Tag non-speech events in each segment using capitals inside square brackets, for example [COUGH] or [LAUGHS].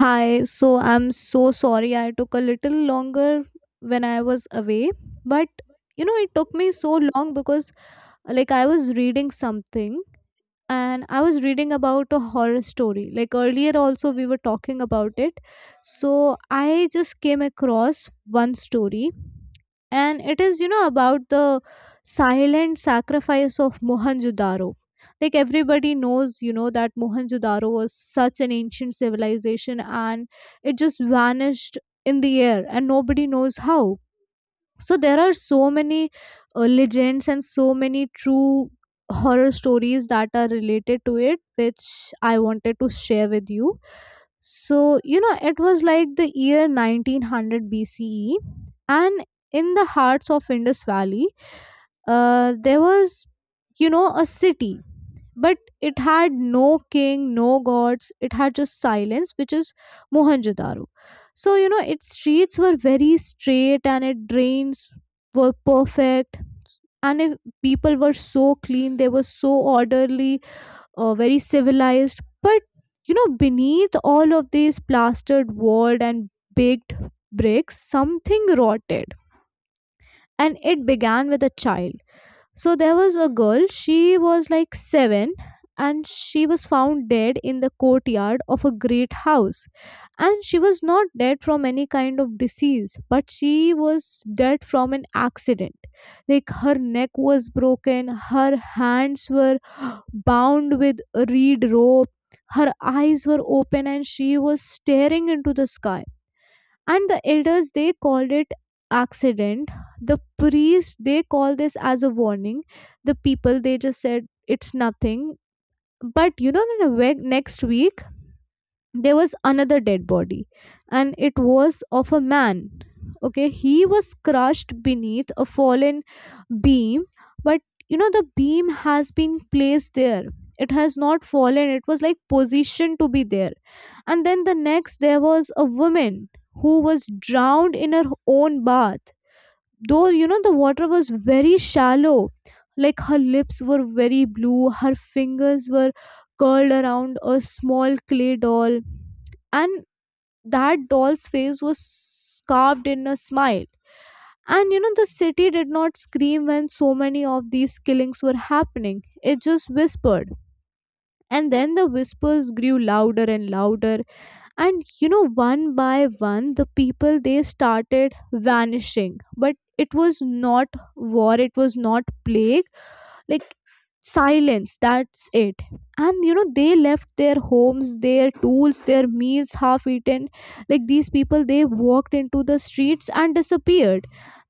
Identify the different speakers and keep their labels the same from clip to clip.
Speaker 1: Hi, so I'm so sorry I took a little longer when I was away, but it took me so long because like I was reading something. And I was reading about a horror story, like earlier also we were talking about it. So I just came across one story, and it is about the silent sacrifice of Mohenjo-daro. Like everybody knows that Mohenjo-daro was such an ancient civilization and it just vanished in the air and nobody knows how. So there are so many legends and so many true horror stories that are related to it, which I wanted to share with you. So it was like the year 1900 BCE, and in the hearts of Indus Valley there was a city, but it had no king, no gods. It had just silence, which is Mohenjo-daro. So its streets were very straight, and its drains were perfect. And if people were so clean, they were so orderly, very civilized. But beneath all of these plastered walled and baked bricks, something rotted, and it began with a child. So there was a girl, she was like 7, and she was found dead in the courtyard of a great house. And she was not dead from any kind of disease, but she was dead from an accident. Like her neck was broken, her hands were bound with a reed rope, her eyes were open, and she was staring into the sky. And the elders they called it accident, the priest they call this as a warning, the people they just said it's nothing. But the next week there was another dead body, and it was of a man. Okay, he was crushed beneath a fallen beam. But the beam has been placed there, it has not fallen, it was like positioned to be there. And then the next there was a woman who was drowned in her own bath, though the water was very shallow. Like her lips were very blue, her fingers were curled around a small clay doll, and that doll's face was carved in a smile. And the city did not scream when so many of these killings were happening, it just whispered. And then the whispers grew louder and louder. And one by one the people they started vanishing, but it was not war, it was not plague, like silence, that's it. And they left their homes, their tools, their meals half eaten. Like these people they walked into the streets and disappeared.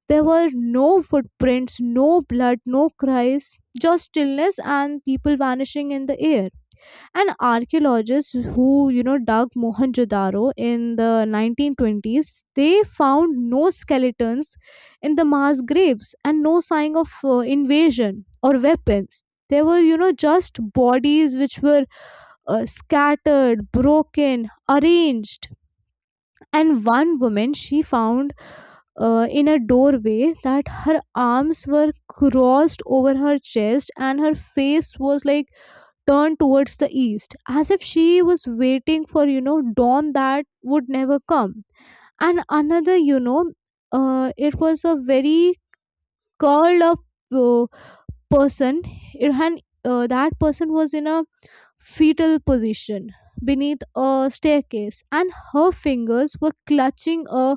Speaker 1: There were no footprints, no blood, no cries, just stillness and people vanishing in the air. And archaeologists who, dug Mohenjo-daro in the 1920s, they found no skeletons in the mass graves and no sign of invasion or weapons. They were, just bodies which were scattered, broken, arranged. And one woman, she found in a doorway that her arms were crossed over her chest and her face was like turned towards the east, as if she was waiting for, dawn that would never come. And another, it was a very curled up uh, person. It had, that person was in a fetal position beneath a staircase, and her fingers were clutching a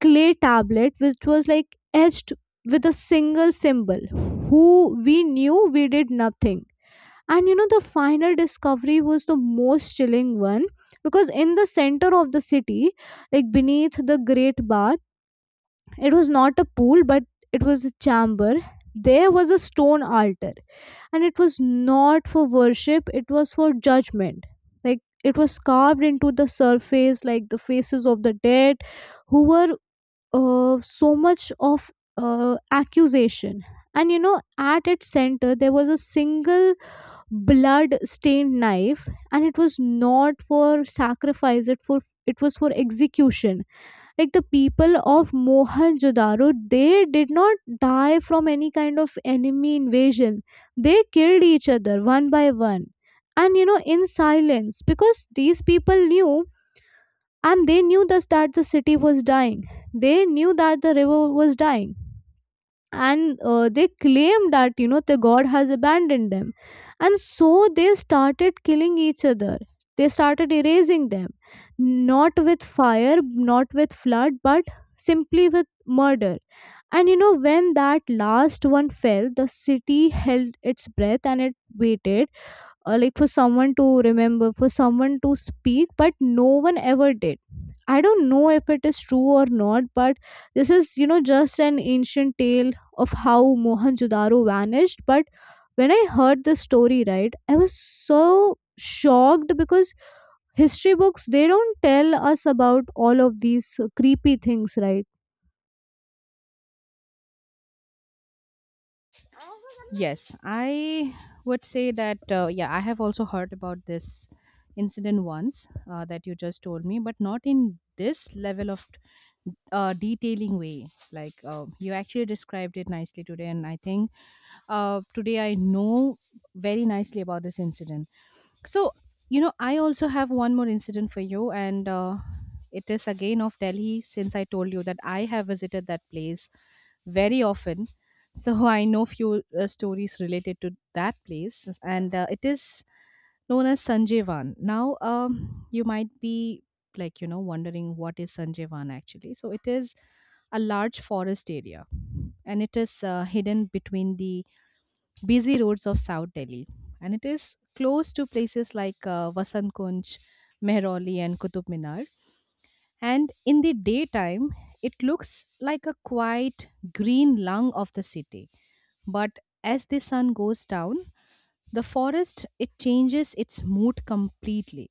Speaker 1: clay tablet which was like etched with a single symbol. Who we knew, we did nothing. And the final discovery was the most chilling one, because in the center of the city, like beneath the great bath, it was not a pool but it was a chamber. There was a stone altar, and it was not for worship, it was for judgment. Like it was carved into the surface, like the faces of the dead who were so much of accusation. And at its center, there was a single blood stained knife, and it was not for sacrifice, it was for execution. Like the people of Mohenjo-daro they did not die from any kind of enemy invasion, they killed each other one by one. And in silence, because these people knew, and they knew thus that the city was dying, they knew that the river was dying. And they claim that the god has abandoned them. And so they started killing each other, they started erasing them, not with fire, not with flood, but simply with murder. And when that last one fell, the city held its breath and it waited like for someone to remember, for someone to speak, but no one ever did. I don't know if it is true or not, but this is just an ancient tale of how Mohenjo-daro vanished. But when I heard this story, right, I was so shocked because history books they don't tell us about all of these creepy things, right?
Speaker 2: Yes, I would say that, yeah, I have also heard about this incident once that you just told me, but not in this level of detailing way. Like you actually described it nicely today, and I think today I know very nicely about this incident. So, I also have one more incident for you, and it is again of Delhi since I told you that I have visited that place very often. So [LAUGHS] I know few stories related to that place, and it is known as Sanjeevan. Now, you might be like wondering what is Sanjeevan actually. So it is a large forest area, and it is hidden between the busy roads of South Delhi, and it is close to places like Vasant Kunj, Mehrauli, and Qutub Minar. And in the daytime it looks like a quiet green lung of the city, but as the sun goes down the forest it changes its mood completely.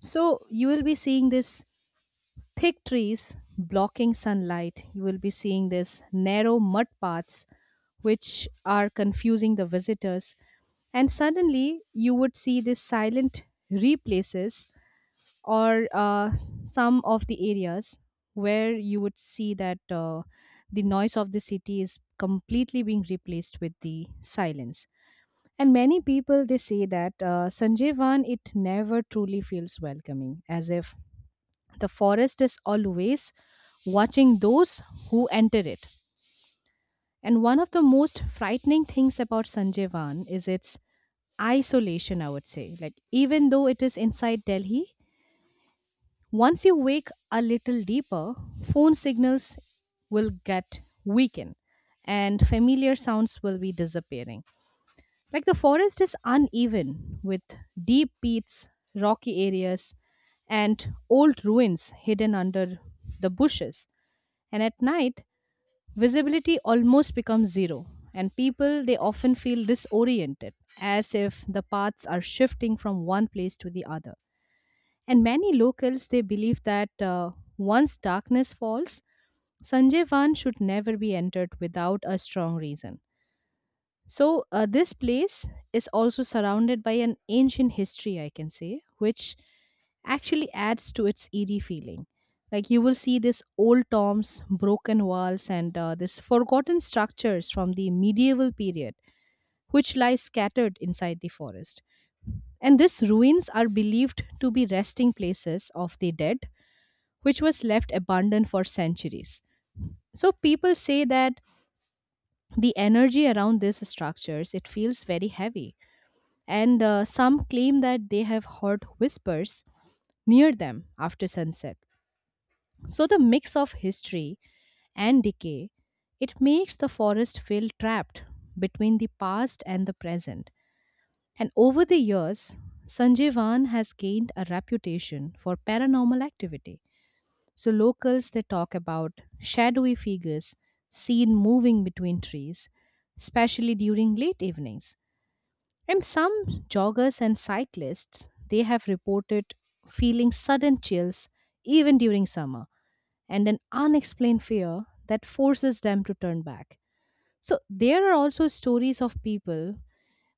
Speaker 2: So you will be seeing this thick trees blocking sunlight. You will be seeing this narrow mud paths which are confusing the visitors. And suddenly you would see these silent replaces, or some of the areas where you would see that the noise of the city is completely being replaced with the silence. And many people they say that Sanjeevan it never truly feels welcoming, as if the forest is always watching those who enter it. And one of the most frightening things about Sanjeevan is its isolation, I would say. Like even though it is inside Delhi, once you wake a little deeper, phone signals will get weakened and familiar sounds will be disappearing. Like the forest is uneven with deep peats, rocky areas, and old ruins hidden under the bushes. And at night, visibility almost becomes zero. And people, they often feel disoriented, as if the paths are shifting from one place to the other. And many locals they believe that once darkness falls, Sanjayvan should never be entered without a strong reason. So this place is also surrounded by an ancient history, I can say, which actually adds to its eerie feeling. Like you will see this old tombs, broken walls, and this forgotten structures from the medieval period, which lie scattered inside the forest. And these ruins are believed to be resting places of the dead, which was left abandoned for centuries. So people say that the energy around these structures it feels very heavy, and some claim that they have heard whispers near them after sunset. So the mix of history and decay, it makes the forest feel trapped between the past and the present. And over the years, Sanjay Van has gained a reputation for paranormal activity. So locals they talk about shadowy figures seen moving between trees, especially during late evenings. And some joggers and cyclists they have reported feeling sudden chills even during summer, and an unexplained fear that forces them to turn back. So there are also stories of people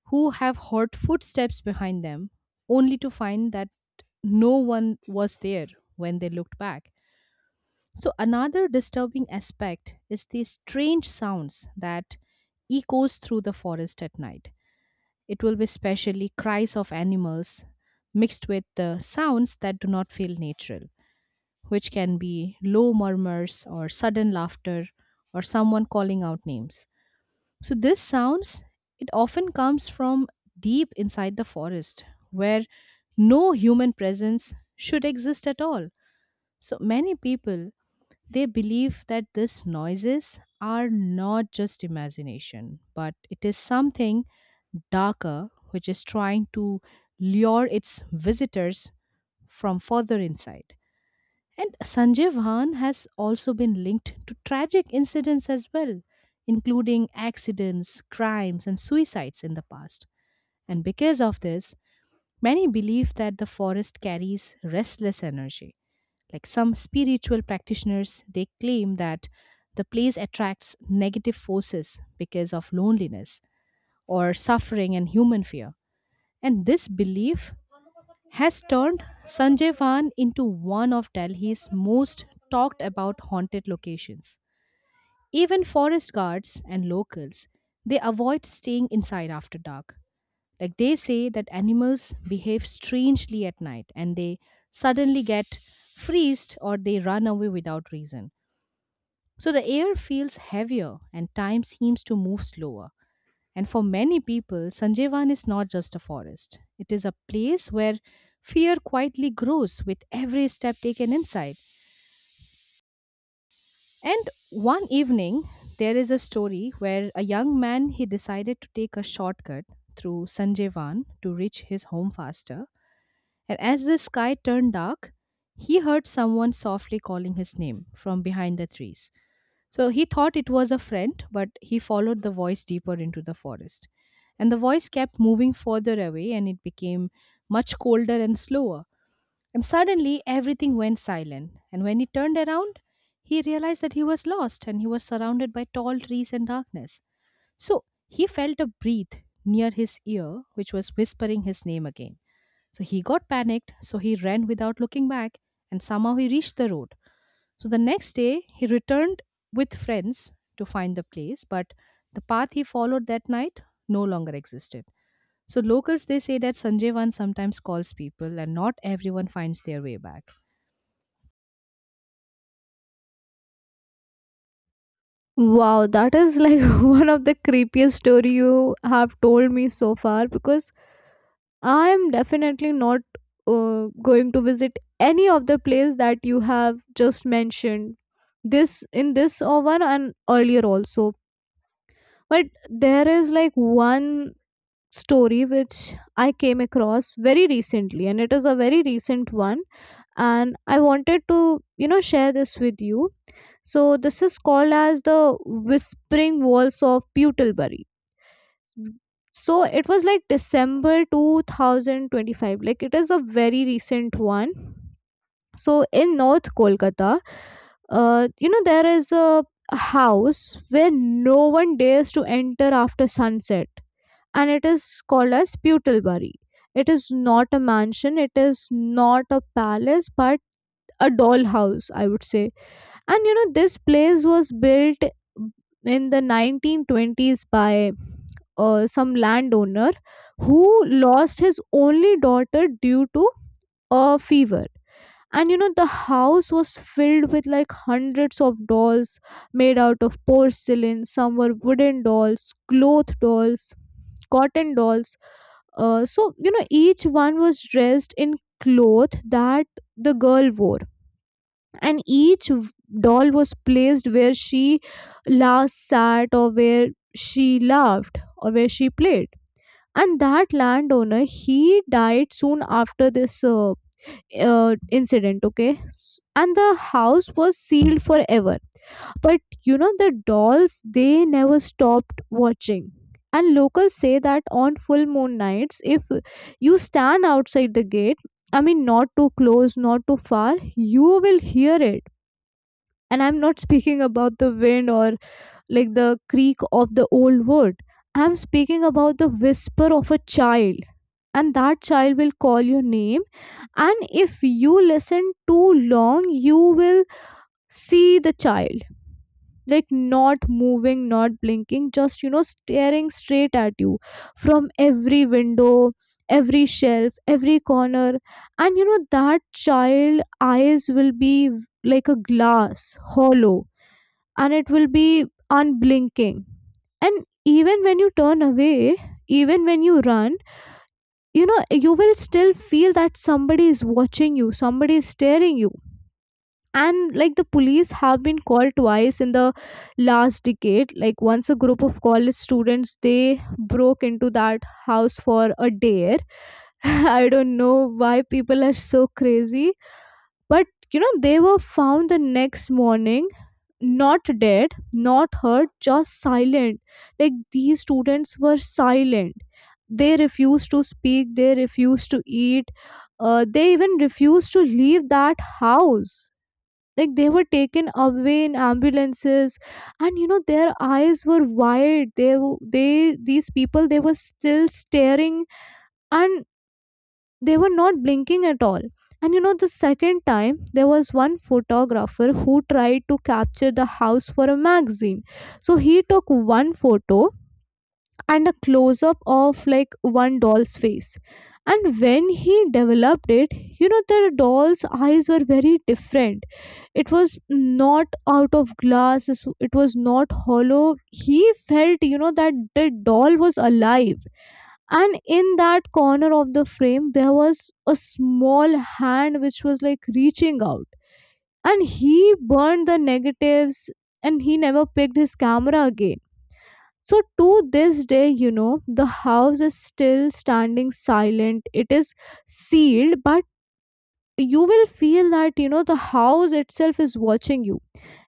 Speaker 2: who have heard footsteps behind them only to find that no one was there when they looked back. So, another disturbing aspect is the strange sounds that echoes through the forest at night. It will be especially cries of animals mixed with the sounds that do not feel natural, which can be low murmurs or sudden laughter or someone calling out names. So, these sounds it often comes from deep inside the forest where no human presence should exist at all. So, many people they believe that these noises are not just imagination, but it is something darker which is trying to lure its visitors from further inside. And Sanjay Vahan has also been linked to tragic incidents as well, including accidents, crimes, and suicides in the past. And because of this, many believe that the forest carries restless energy, like some spiritual practitioners, they claim that the place attracts negative forces because of loneliness or suffering and human fear. And this belief has turned Sanjayvan into one of Delhi's most talked about haunted locations. Even forest guards and locals, they avoid staying inside after dark. Like they say that animals behave strangely at night and they suddenly get freezed or they run away without reason. So the air feels heavier and time seems to move slower. And for many people, Sanjeevan is not just a forest, it is a place where fear quietly grows with every step taken inside. And one evening, there is a story where a young man he decided to take a shortcut through Sanjeevan to reach his home faster. And as the sky turned dark, he heard someone softly calling his name from behind the trees. So he thought it was a friend, but he followed the voice deeper into the forest. And the voice kept moving further away, and it became much colder and slower. And suddenly, everything went silent. And when he turned around, he realized that he was lost and he was surrounded by tall trees and darkness. So he felt a breath near his ear, which was whispering his name again. So he got panicked, so he ran without looking back, and somehow he reached the road. So the next day, he returned with friends to find the place, but the path he followed that night no longer existed. So locals they say that Sanjeevan sometimes calls people and not everyone finds their way back.
Speaker 1: Wow, that is like [LAUGHS] one of the creepiest story you have told me so far, because I am definitely not going to visit any of the place that you have just mentioned, this in this or one and earlier also. But there is like one story which I came across very recently, and it is a very recent one, and I wanted to share this with you. So this is called as the whispering walls of Pewtlebury. Mm. So it was like December 2025, like it is a very recent one. So in North Kolkata, there is a house where no one dares to enter after sunset, and it is called as Putalbari. It is not a mansion, it is not a palace, but a dollhouse, I would say. And this place was built in the 1920s by some landowner who lost his only daughter due to a fever. And the house was filled with like hundreds of dolls made out of porcelain, some were wooden dolls, cloth dolls, cotton dolls. So each one was dressed in cloth that the girl wore, and each doll was placed where she last sat, or where she laughed, or where she played. And that landowner he died soon after this uh, incident, okay. And the house was sealed forever. But the dolls they never stopped watching. And locals say that on full moon nights, if you stand outside the gate, I mean not too close not too far, you will hear it. And I'm not [LAUGHS] speaking about the wind or like the creak of the old wood, I'm speaking about the whisper of a child. And that child will call your name. And if you listen too long you will see the child, like not moving, not blinking, just staring straight at you from every window, every shelf, every corner. And that child eyes will be like a glass, hollow, and it will be unblinking. And even when you turn away, even when you run, you will still feel that somebody is watching you, somebody is staring you. And like the police have been called twice in the last decade. Like once a group of college students they broke into that house for a dare. [LAUGHS] I don't know why people are so crazy. But they were found the next morning not dead, not hurt, just silent. Like these students were silent. They refused to speak, they refused to eat, they even refused to leave that house. Like they were taken away in ambulances, and their eyes were wide. They these people they were still staring, and they were not blinking at all. And the second time, there was one photographer who tried to capture the house for a magazine. So he took one photo and a close up of like one doll's face. And when he developed it, the doll's eyes were very different. It was not out of glass, it was not hollow. He felt, that the doll was alive, and in that corner of the frame there was a small hand which was like reaching out. And he burned the negatives, and he never picked his camera again. So to this day the house is still standing silent, it is sealed. But you will feel that the house itself is watching you.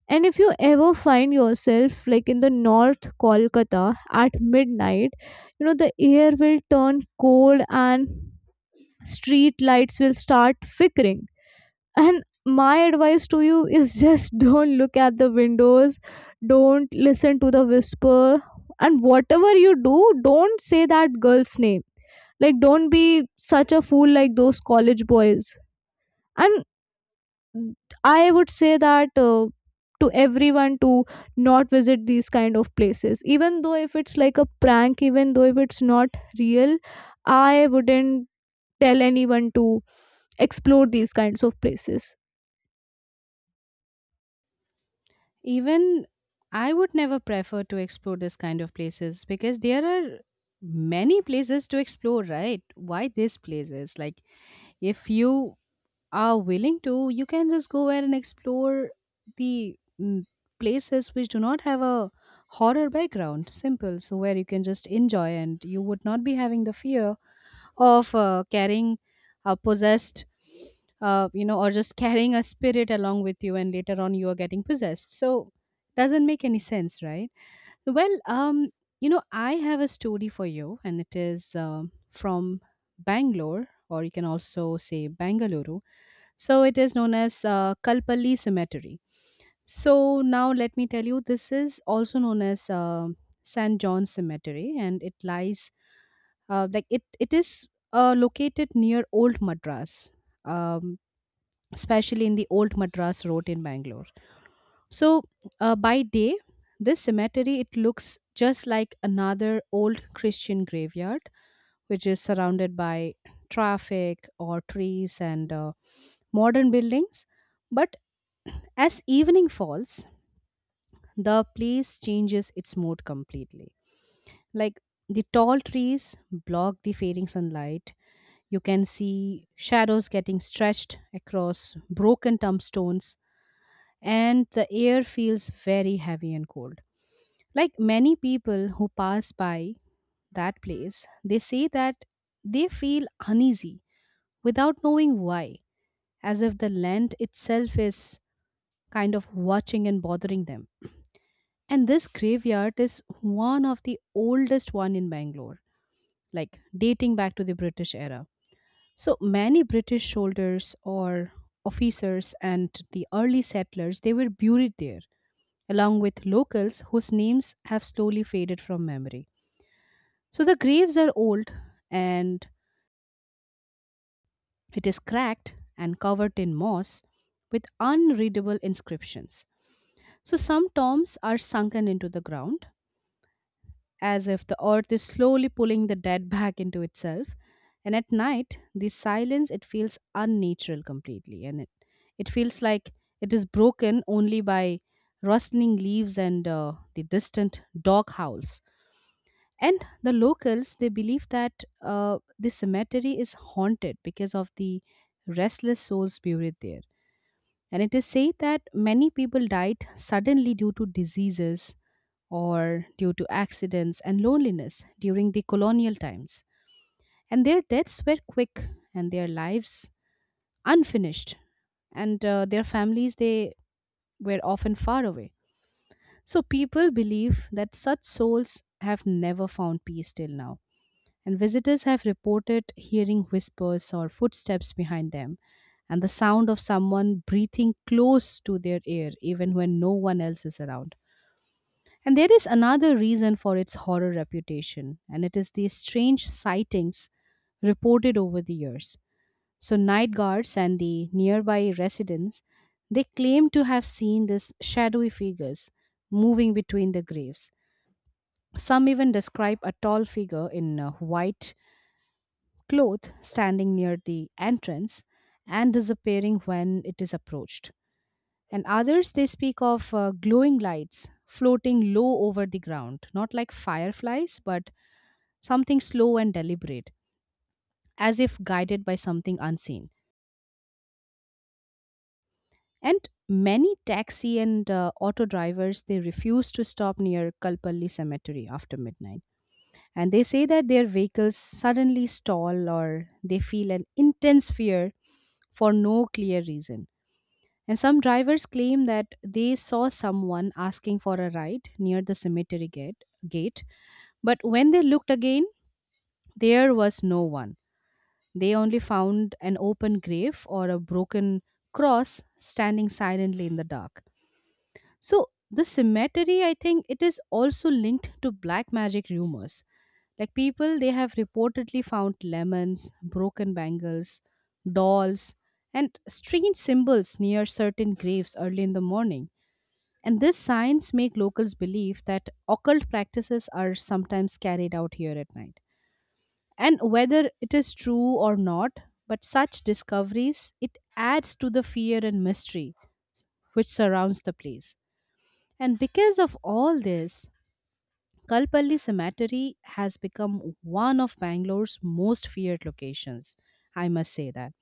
Speaker 1: And if you ever find yourself like in the North Kolkata at midnight, the air will turn cold and street lights will start flickering. And my advice to you is just [LAUGHS] don't look at the windows, don't listen to the whisper, and whatever you do, don't say that girl's name. Like, don't be such a fool like those college boys. And I would say that to everyone to not visit these kind of places even though if it's like a prank, even though if it's not real. I wouldn't tell anyone to explore these kinds of places.
Speaker 2: Even I would never prefer to explore this kind of places because there are many places to explore, right? Why these places? Like if you are willing to, you can just go ahead and explore the places which do not have a horror background. Simple. So, where you can just enjoy and you would not be having the fear of carrying a possessed, or just [LAUGHS] carrying a spirit along with you and later on you are getting possessed. So, doesn't make any sense, right? Well, I have a story for you and it is from Bangalore, or you can also say Bangalore. So it is known as Kalpalli Cemetery. So now let me tell you, this is also known as St. John's Cemetery, and it lies like it is located near Old Madras, um, especially in the Old Madras Road in Bangalore. So by day, this cemetery it looks just like another old Christian graveyard, which is surrounded by traffic or trees and modern buildings. But as evening falls, the place changes its mood completely. Like the tall trees block the fading sunlight. You can see shadows getting stretched across broken tombstones, and the air feels very heavy and cold. Like many people who pass by that place, they say that they feel uneasy without knowing why, as if the land itself is kind of watching and bothering them. And this graveyard is one of the oldest one in Bangalore, like dating back to the British era. So many British soldiers or officers and the early settlers they were buried there along with locals whose names have slowly faded from memory. So the graves are old and it is cracked and covered in moss with unreadable inscriptions. So some tombs are sunken into the ground as if the earth is slowly pulling the dead back into itself. And at night, the silence it feels unnatural completely, and it feels like it is broken only by rustling leaves and the distant dog howls. And the locals they believe that the cemetery is haunted because of the restless souls buried there. And it is said that many people died suddenly due to diseases, or due to accidents and loneliness during the colonial times. And their deaths were quick and their lives unfinished, and their families, they were often far away. So people believe that such souls have never found peace till now. And visitors have reported hearing whispers or footsteps behind them and the sound of someone breathing close to their ear even when no one else is around. And there is another reason for its horror reputation, and it is the strange sightings reported over the years. So, night guards and the nearby residents they claim to have seen these shadowy figures moving between the graves. Some even describe a tall figure in a white cloth standing near the entrance and disappearing when it is approached. And others, they speak of glowing lights floating low over the ground, not like fireflies, but something slow and deliberate, as if guided by something unseen. And many taxi and auto drivers, they refuse to stop near Kalpalli Cemetery after midnight. And they say that their vehicles suddenly stall or they feel an intense fear for no clear reason. And some drivers claim that they saw someone asking for a ride near the cemetery gate, but when they looked again, there was no one. They only found an open grave or a broken cross standing silently in the dark. So, the cemetery, I think, it is also linked to black magic rumors. Like people, they have reportedly found lemons, broken bangles, dolls, and strange symbols near certain graves early in the morning. And this science make locals believe that occult practices are sometimes carried out here at night. And whether it is true or not, but such discoveries it adds to the fear and mystery which surrounds the place. And because of all this, Kalpalli Cemetery has become one of Bangalore's most feared locations. I must say that.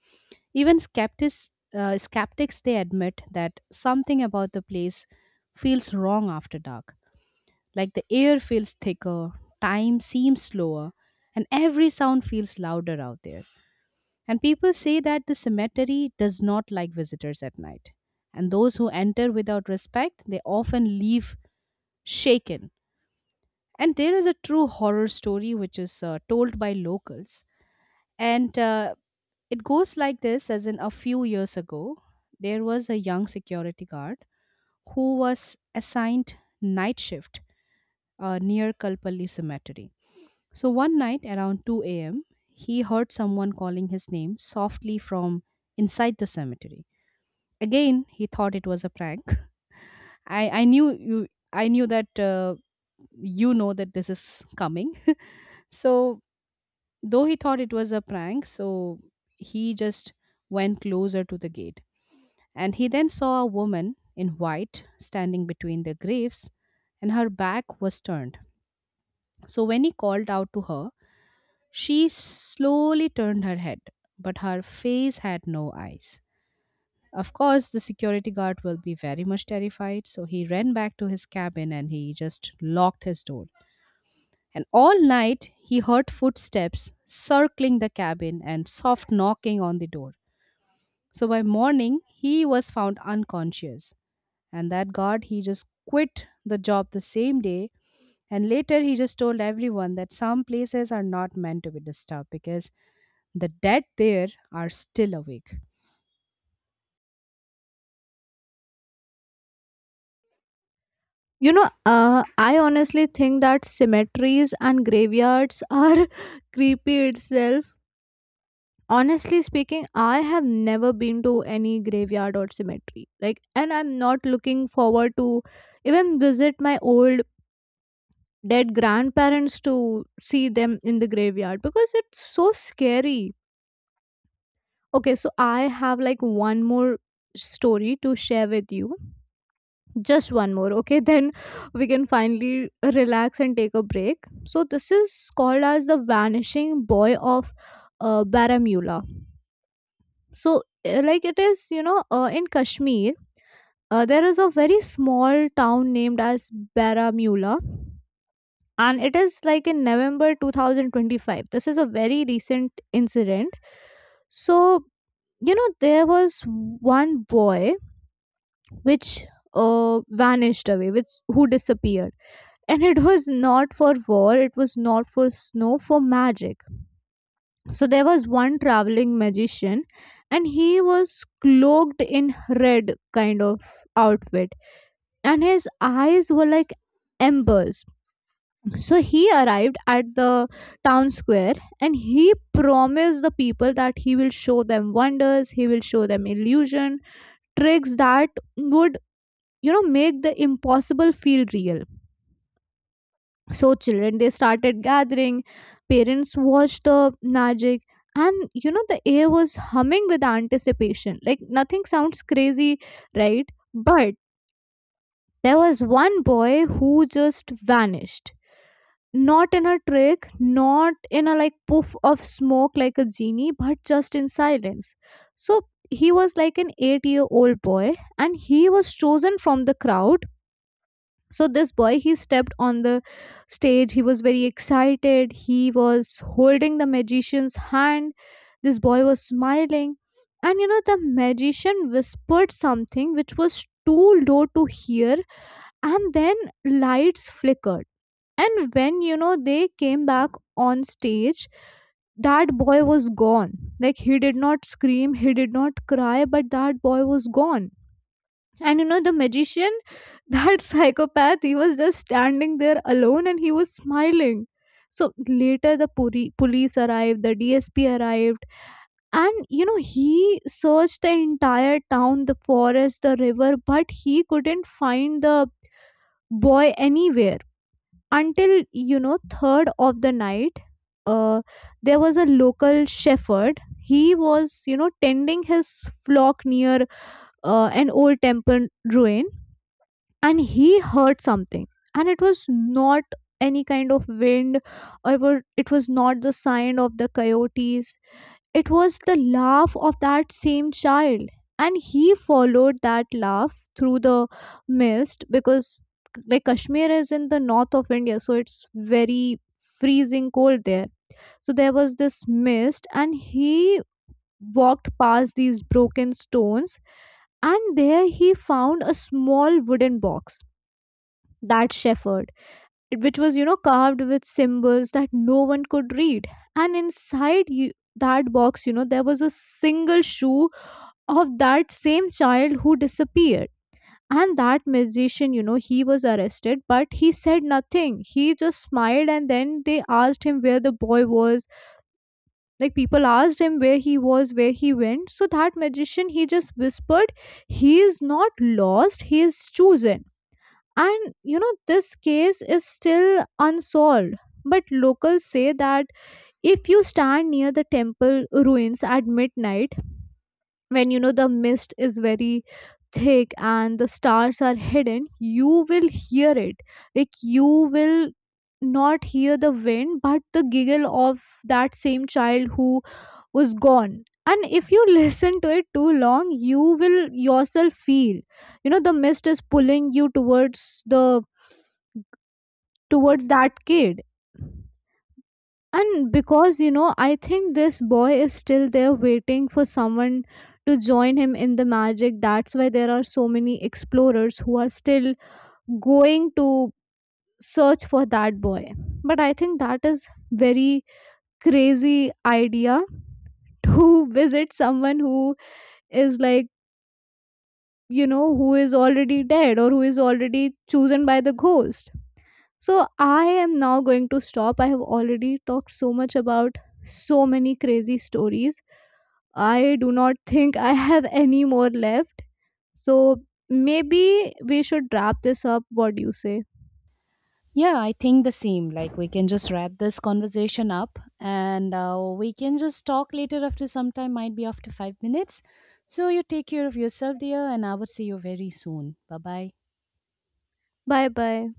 Speaker 2: Even skeptics they admit that something about the place feels wrong after dark. Like the air feels thicker, time seems slower, and every sound feels louder out there. And people say that the cemetery does not like visitors at night. And those who enter without respect, they often leave shaken. And there is a true horror story which is told by locals. And it goes like this, as in a few years ago, there was a young security guard who was assigned night shift near Kalpalli Cemetery. So one night around 2 a.m., he heard someone calling his name softly from inside the cemetery. Again, he thought it was a prank. [LAUGHS] I knew you. I knew that that this is coming. So though he thought it was a prank, so he just went closer to the gate, and he then saw a woman in white standing between the graves, and her back was turned. So when he called out to her, she slowly turned her head, but her face had no eyes. Of course, the security guard will be very much terrified, so he ran back to his cabin and he just locked his door. And all night, he heard footsteps circling the cabin and soft knocking on the door. So by morning, he was found unconscious. And that guard, he just quit the job the same day. And later, he just told everyone that some places are not meant to be disturbed because the dead there are still awake.
Speaker 1: You know, I honestly think that cemeteries and graveyards are [LAUGHS] creepy itself. Honestly speaking, I have never been to any graveyard or cemetery. Like, and I'm not looking forward to even visit my old dead grandparents to see them in the graveyard because it's so scary. Okay, so I have like one more story to share with you. Just one more, okay? [LAUGHS] Then we can finally relax and take a break. So, this is called as the vanishing boy of Baramula. So, like it is, you know, in Kashmir, there is a very small town named as Baramula, and it is like in November 2025. This is a very recent incident. So, you know, there was one boy which vanished away, which who disappeared, and it was not for war, it was not for snow, for magic. So there was one traveling magician, and he was cloaked in red kind of outfit, and his eyes were like embers. So he arrived at the town square, and he promised the people that he will show them wonders, he will show them illusion tricks that would, you know, make the impossible feel real. So children, they started gathering, parents watched the magic, and you know, the air was humming with anticipation. Like, nothing sounds crazy, right? But there was one boy who just vanished. Not in a trick, not in a like puff of smoke like a genie, but just in silence. So he was like an 8 year old boy and he was chosen from the crowd. So this boy, he stepped on the stage, he was very excited, he was holding the magician's hand, this boy was smiling, and you know, the magician whispered something which was too low to hear. And then lights flickered, and when you know, they came back on stage, that boy was gone. Like, he did not scream, he did not cry, but that boy was gone. And you know, the magician, [LAUGHS] that psychopath, he was just standing there alone and he was smiling. So later, the police arrived, the DSP arrived, and you know, he searched the entire town, the forest, the river, but he couldn't find the boy anywhere until, you know, third of the night. Uh, there was a local shepherd. He was, you know, tending his flock near an old temple ruin, and he heard something, and it was not any kind of wind, or it was not the sound of the coyotes, it was the laugh of that same child. And he followed that laugh through the mist, because like, Kashmir is in the north of India, so it's very freezing cold there. So there was this mist, and he walked past these broken stones, and there he found a small wooden box, that shepherd, which was, you know, carved with symbols that no one could read. And inside you, that box, you know, there was a single shoe of that same child who disappeared. And that magician, you know, he was arrested, but he said nothing, he just smiled. And then they asked him where the boy was, like, people asked him where he was, where he went. So that magician, he just whispered, he is not lost, he is chosen. And you know, this case is still unsolved. But locals say that if you stand near the temple ruins at midnight, when you know the mist is very thick and the stars are hidden, you will hear it. Like, you will not hear the wind, but the giggle of that same child who was gone. And if you [LAUGHS] listen to it too long, you will yourself feel, you know, the mist is pulling you towards the towards that kid. And because, you know, I think this boy is still there waiting for someone to join him in the magic, that's why there are so many explorers who are still going to search for that boy. But I think that is very crazy idea to [LAUGHS] visit someone who is like, you know, who is already dead or who is already chosen by the ghost. So I am now going to stop. I have already talked so much about so many crazy stories. I do not think I have any more left. So maybe we should wrap this up. What do you say?
Speaker 2: Yeah, I think the same. Like, we can just wrap this conversation up and we can just talk later after some time, might be after 5 minutes. So, you take care of yourself, dear, and I will see you very soon. Bye bye.
Speaker 1: Bye bye.